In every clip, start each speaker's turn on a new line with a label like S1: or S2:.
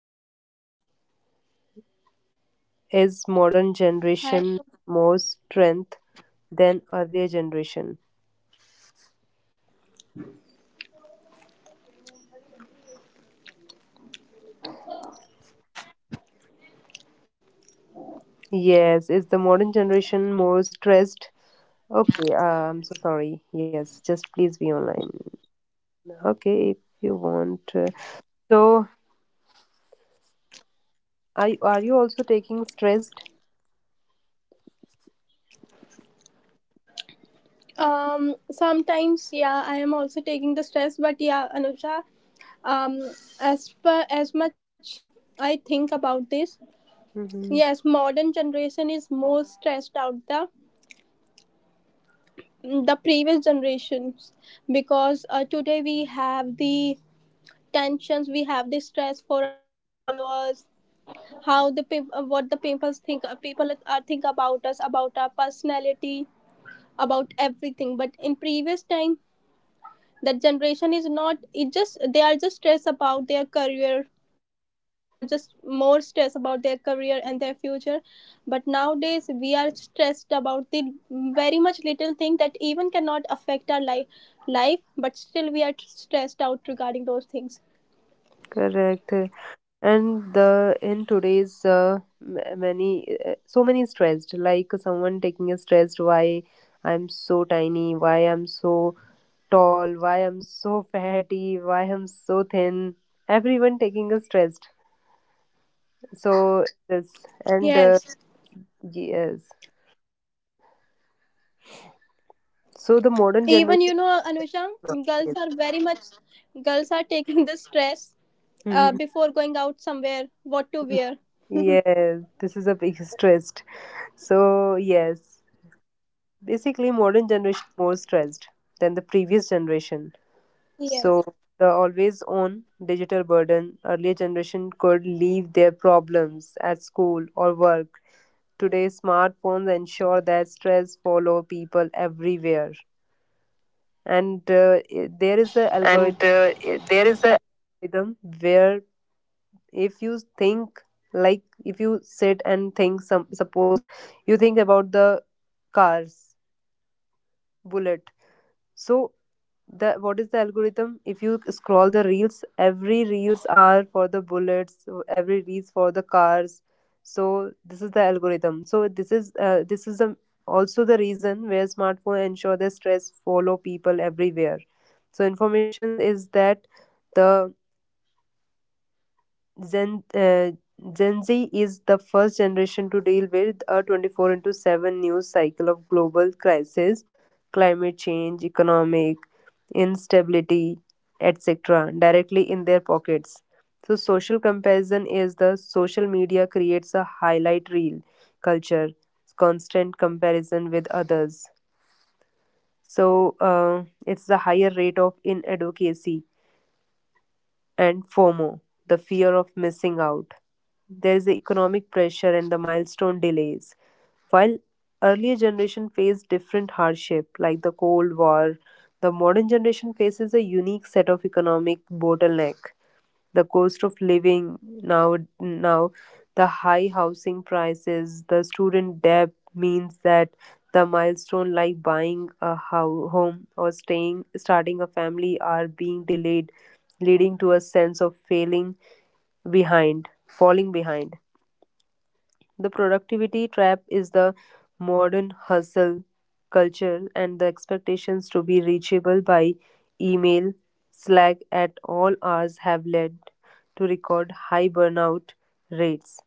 S1: topic is modern generation more
S2: Hi.
S1: strength than earlier generation. Yes, is the modern generation more stressed? Okay, I'm so sorry. Yes, just please be online. Okay, if you want. So, are you also taking stressed?
S2: Sometimes, yeah, I am also taking the stress, but yeah, Anuja, um, as per as much I think about this,
S1: Mm-hmm.
S2: yes, modern generation is more stressed out the previous generations because today we have the tensions, we have the stress for our followers, how the what the people think, people are think about us, about our personality, about everything. But in previous time that generation is not it just they are just stressed about their career, they are just more stressed about their career and their future, but nowadays we are stressed about the very much little thing that even cannot affect our life but still we are stressed out regarding those things.
S1: Correct. And the in today's many so many stressed, like someone taking a stressed, why I'm so tiny, why I'm so tall, why I'm so fatty, why I'm so thin. Everyone taking a stressed. So this and
S2: Yes,
S1: yes. So the modern
S2: even
S1: generation
S2: you know, Anusha, girls
S1: nowadays.
S2: are very much, girls are taking the stress
S1: Mhm.
S2: before going out somewhere what to wear.
S1: Yes, this is a big stressed. So yes, basically modern generation more stressed than the previous generation.
S2: Yes,
S1: So the always on digital burden, earlier generation could leave their problems at school or work. Today, smartphones ensure that stress follow people everywhere. And there is a
S2: and
S1: algorithm
S2: there is a
S1: where if you think, like if you sit and think, some suppose you think about the cars, bullet. So the what is the algorithm? If you scroll the reels, every reels are for the bullets, so every reels for the cars. So this is the algorithm. So this is the, also the reason where smartphone ensure the stress follow people everywhere. So information is that the Gen, uh, Gen Z is the first generation to deal with a 24 into 7 news cycle of global crisis, climate change, economic instability, etc., directly in their pockets. So, social comparison is the social media creates a highlight reel culture, constant comparison with others. So, it's the higher rate of inadequacy and FOMO, the fear of missing out. There is the economic pressure and the milestone delays. While earlier generation faced different hardship like the Cold War, the modern generation faces a unique set of economic bottleneck, the cost of living, now the high housing prices, the student debt means that the milestone like buying a home or staying starting a family are being delayed, leading to a sense of failing behind falling behind. The productivity trap is the modern hustle culture, and the expectations to be reachable by email, Slack at all hours have led to record high burnout rates.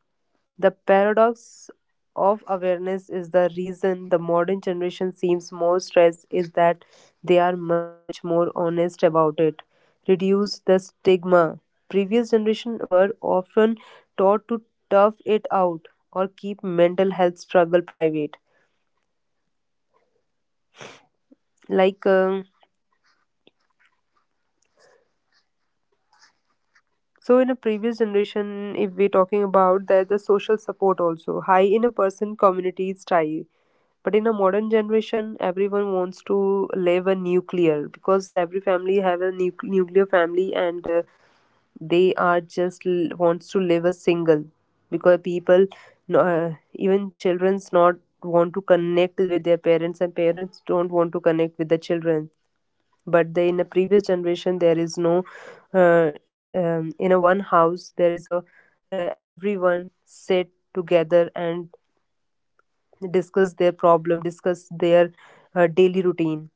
S1: The paradox of awareness is the reason the modern generation seems more stressed is that they are much more honest about it. Reduce the stigma. Previous generation were often taught to tough it out or keep mental health struggle private. Like um, So in a previous generation, if we're talking about that, the social support also high in a person community is high. But in a modern generation, everyone wants to live a nuclear because every family have a nuclear family, and they are just wants to live a single because people, even childrens not want to connect with their parents, and parents don't want to connect with the children. But the in a previous generation there is no uh, in a one house there is a everyone sit together and discuss their problem, discuss their daily routine.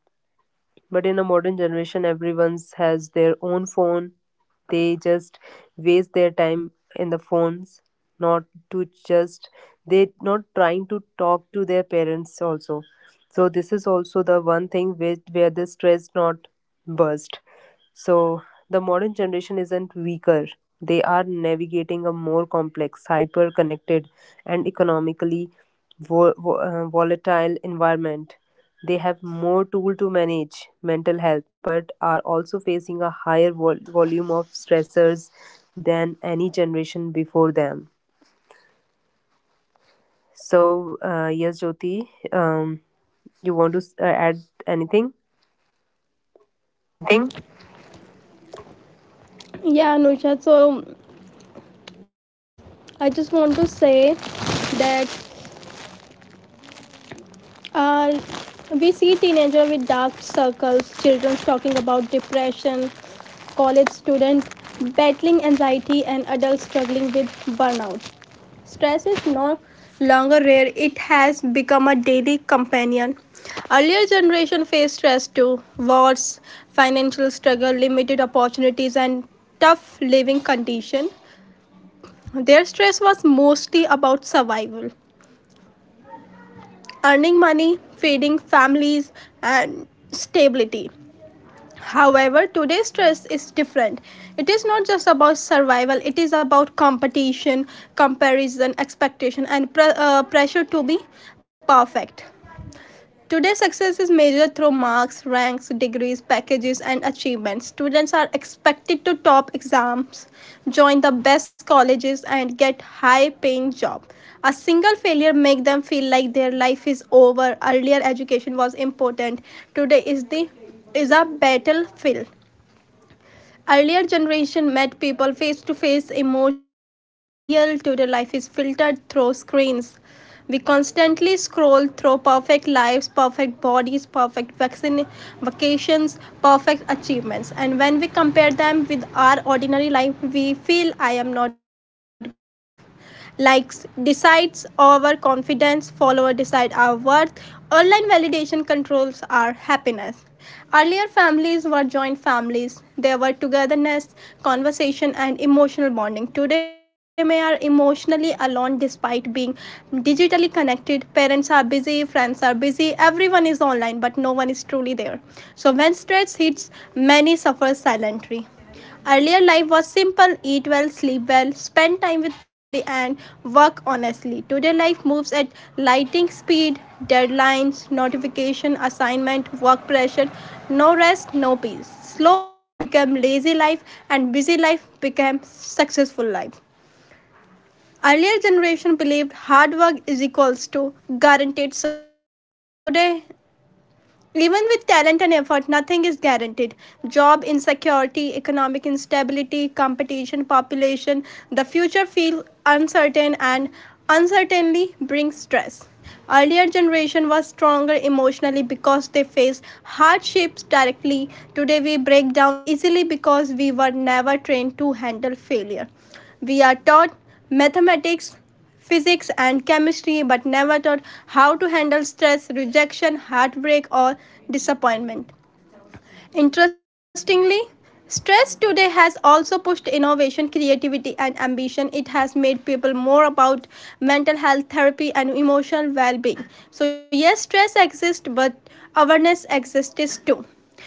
S1: But in the modern generation, everyone's has their own phone. They just waste their time in the phones, not to just they not trying to talk to their parents also. So this is also the one thing with where the stress not burst. So the modern generation isn't weaker; they are navigating a more complex, hyper-connected, and economically volatile environment. They have more tool to manage mental health, but are also facing a higher volume of stressors than any generation before them. So, yes, Jyoti, you want to add anything?
S2: anything. Yeah, Anusha. So I just want to say that uh, we see teenager with dark circles, children talking about depression, college student battling anxiety, and adults struggling with burnout. Stress is no longer rare; it has become a daily companion. Earlier generation faced stress too: wars, financial struggle, limited opportunities, and tough living condition. Their stress was mostly about survival, earning money, feeding families, and stability. However, today's stress is different. It is not just about survival, it is about competition, comparison, expectation, and pressure to be perfect. Today, success is measured through marks, ranks, degrees, packages, and achievements. Students are expected to top exams, join the best colleges, and get high-paying jobs. A single failure makes them feel like their life is over. Earlier education was important. Today is a battlefield. Earlier generation met people face to face, emotions were real, today life is filtered through screens. We constantly scroll through perfect lives, perfect bodies, perfect vaccine, vacations, perfect achievements. And when we compare them with our ordinary life, we feel I am not good enough. Likes decides our confidence, follower decide our worth, online validation controls our happiness. Earlier families were joint families, there were togetherness, conversation and emotional bonding. Today we are emotionally alone despite being digitally connected. Parents are busy, friends are busy, everyone is online but no one is truly there. So when stress hits, many suffer silently. Earlier life was simple: eat well, sleep well, spend time with family, and work honestly. Today, life moves at lightning speed: deadlines, notification, assignment, work pressure, no rest, no peace. Slow life became lazy life, and busy life became successful life. Earlier generation believed hard work is equals to guaranteed success. Today, even with talent and effort, nothing is guaranteed. Job insecurity, economic instability, competition, population, the future feels uncertain, and uncertainty brings stress. Earlier generation was stronger emotionally because they faced hardships directly. Today we break down easily because we were never trained to handle failure. We are taught mathematics, physics and chemistry but never taught how to handle stress, rejection, heartbreak, or disappointment. Interestingly, stress today has also pushed innovation, creativity, and ambition. It has made people more about mental health therapy and emotional well being. So, yes, stress exists, but awareness exists too.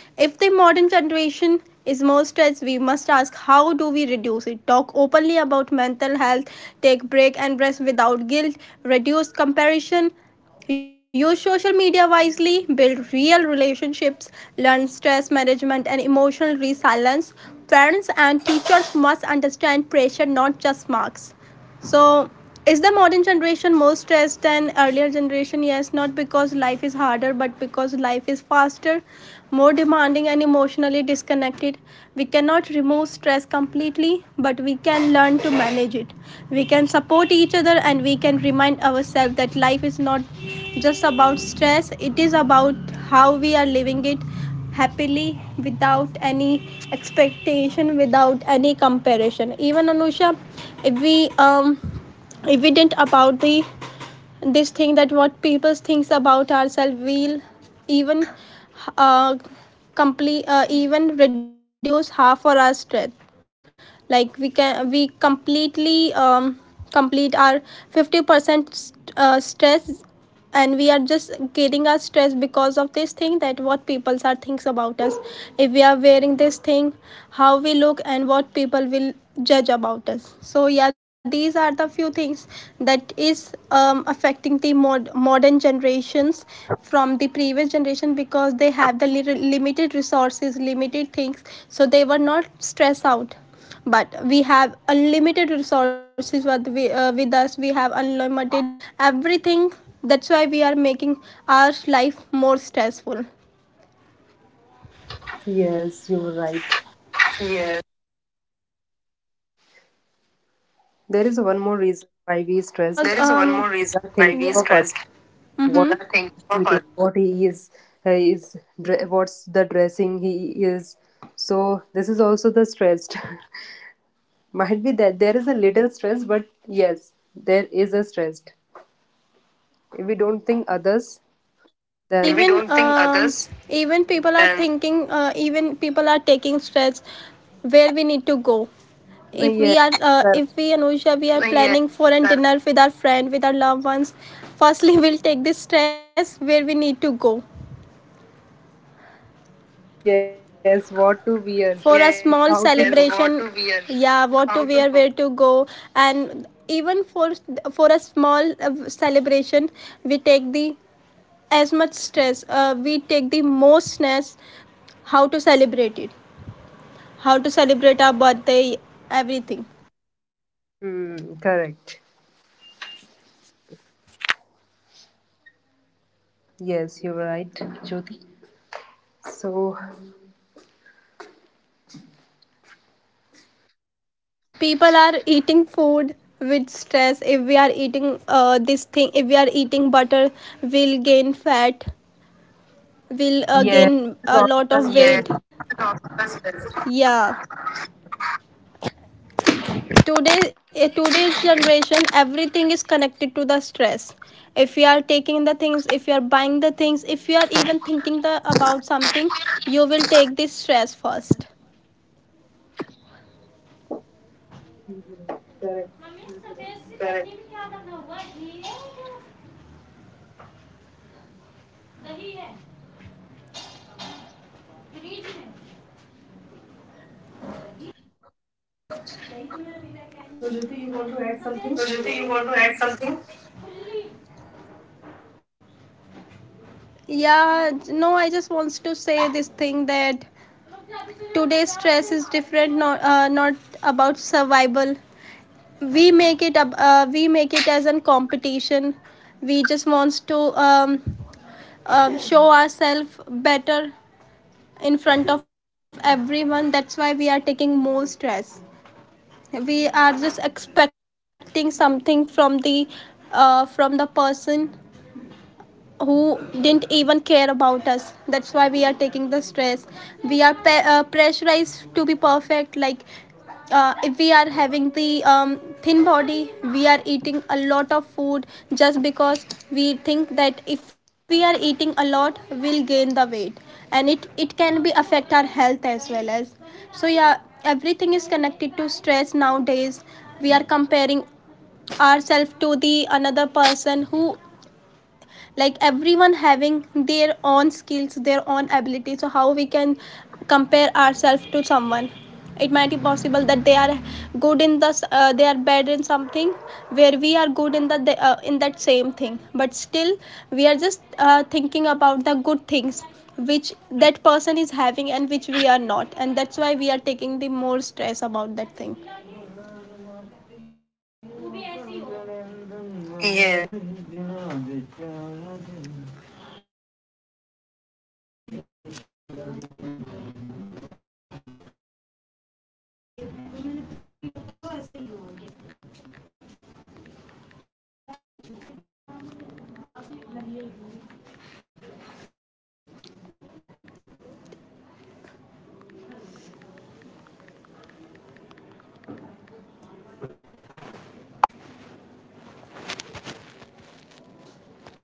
S2: If the modern generation is more stressed, we must ask how do we reduce it? Talk openly about mental health, take break and rest without guilt, reduce comparison, use social media wisely, build real relationships, learn stress management and emotional resilience. Parents and teachers must understand pressure, not just marks. So, is the modern generation more stressed than earlier generation? Yes, not because life is harder, but because life is faster, more demanding and emotionally disconnected. We cannot remove stress completely, but we can learn to manage it. We can support each other, and we can remind ourselves that life is not just about stress, it is about how we are living it, happily without any expectation, without any comparison. Even Anusha, if we um if we didn't about the this thing that what people thinks about ourselves will even uh, complete even reduce half of our strength, like we can we completely complete our 50% stress, and we are just getting our stress because of this thing that what people are thinks about us, if we are wearing this thing, how we look and what people will judge about us. So yeah, these are the few things that is affecting the modern generations from the previous generation because they have the limited resources, limited things, so they were not stressed out, but we have unlimited resources with with us, we have unlimited everything, that's why we are making our life more stressful.
S1: Yes, you were right.
S2: Yeah.
S1: There is one more reason why we stress.
S2: Because there is one more
S1: We
S2: reason
S1: are
S2: why
S1: thinking
S2: we, yeah,
S1: of others.
S2: stress.
S1: What
S2: The Think
S1: he's
S2: of
S1: eating,
S2: others.
S1: what he is what's the dressing he is. So this is also the stressed. Might be that there is a little stress, but yes, there is a stressed. If we don't think others,
S2: If we
S1: then
S2: even don't think others, even people are thinking, even people are taking stress where we need to go, if we
S1: yes,
S2: are
S1: correct.
S2: if we, Anusha, we are, well, yeah, planning for a dinner with our friend, with our loved ones, firstly we'll take this stress where we need to go
S1: Yes, what to wear,
S2: for, yeah, a yes, small
S1: how to go.
S2: celebration, what to wear, yeah what how to wear go, where to go and even for a small celebration, we take the as much stress, we take the most stress, how to celebrate it, how to celebrate our birthday, everything.
S1: Hmm, correct. Yes, you're right, Jyoti. So
S2: People are eating food with stress, if we are eating this thing, if we are eating butter we'll gain fat, we'll
S1: yes,
S2: gain
S1: this is
S2: a
S1: also
S2: lot
S1: the
S2: of, yeah, weight,
S1: stressed.
S2: not, yeah, today, today's generation everything is connected to the stress, if you are taking the things, if you are buying the things, if you are even thinking the about something, you will take this stress first.
S1: Mhm, correct. So Jyoti, you want to add something?
S2: So, Sujati, you want to add something? Yeah, no, I just wants to say this thing that today's stress is different, not not about survival, we make it we make it as a competition, we just wants to um, show ourselves better in front of everyone, that's why we are taking more stress. We are just expecting something from the person who didn't even care about us, that's why we are taking the stress. We are pressurized to be perfect, like if we are having the thin body, we are eating a lot of food just because we think that if we are eating a lot we'll gain the weight, and it can be affect our health as well as. So yeah, everything is connected to stress nowadays. We are comparing ourselves to the another person who, like, everyone having their own skills, their own ability, so how we can compare ourselves to someone? It might be possible that they are good in the they are bad in something where we are good in the in that same thing, but still we are just thinking about the good things which that person is having and which we are not, and that's why we are taking the more stress about that thing.
S1: Yes, you're right.
S2: Yes.
S1: The stress we received from others that is only the 20%. The stress we have our own mindset that is the 80%. So that's all. So now thank you so much Jyoti for coming and have a great day. Bye bye. We'll meet you another podcast.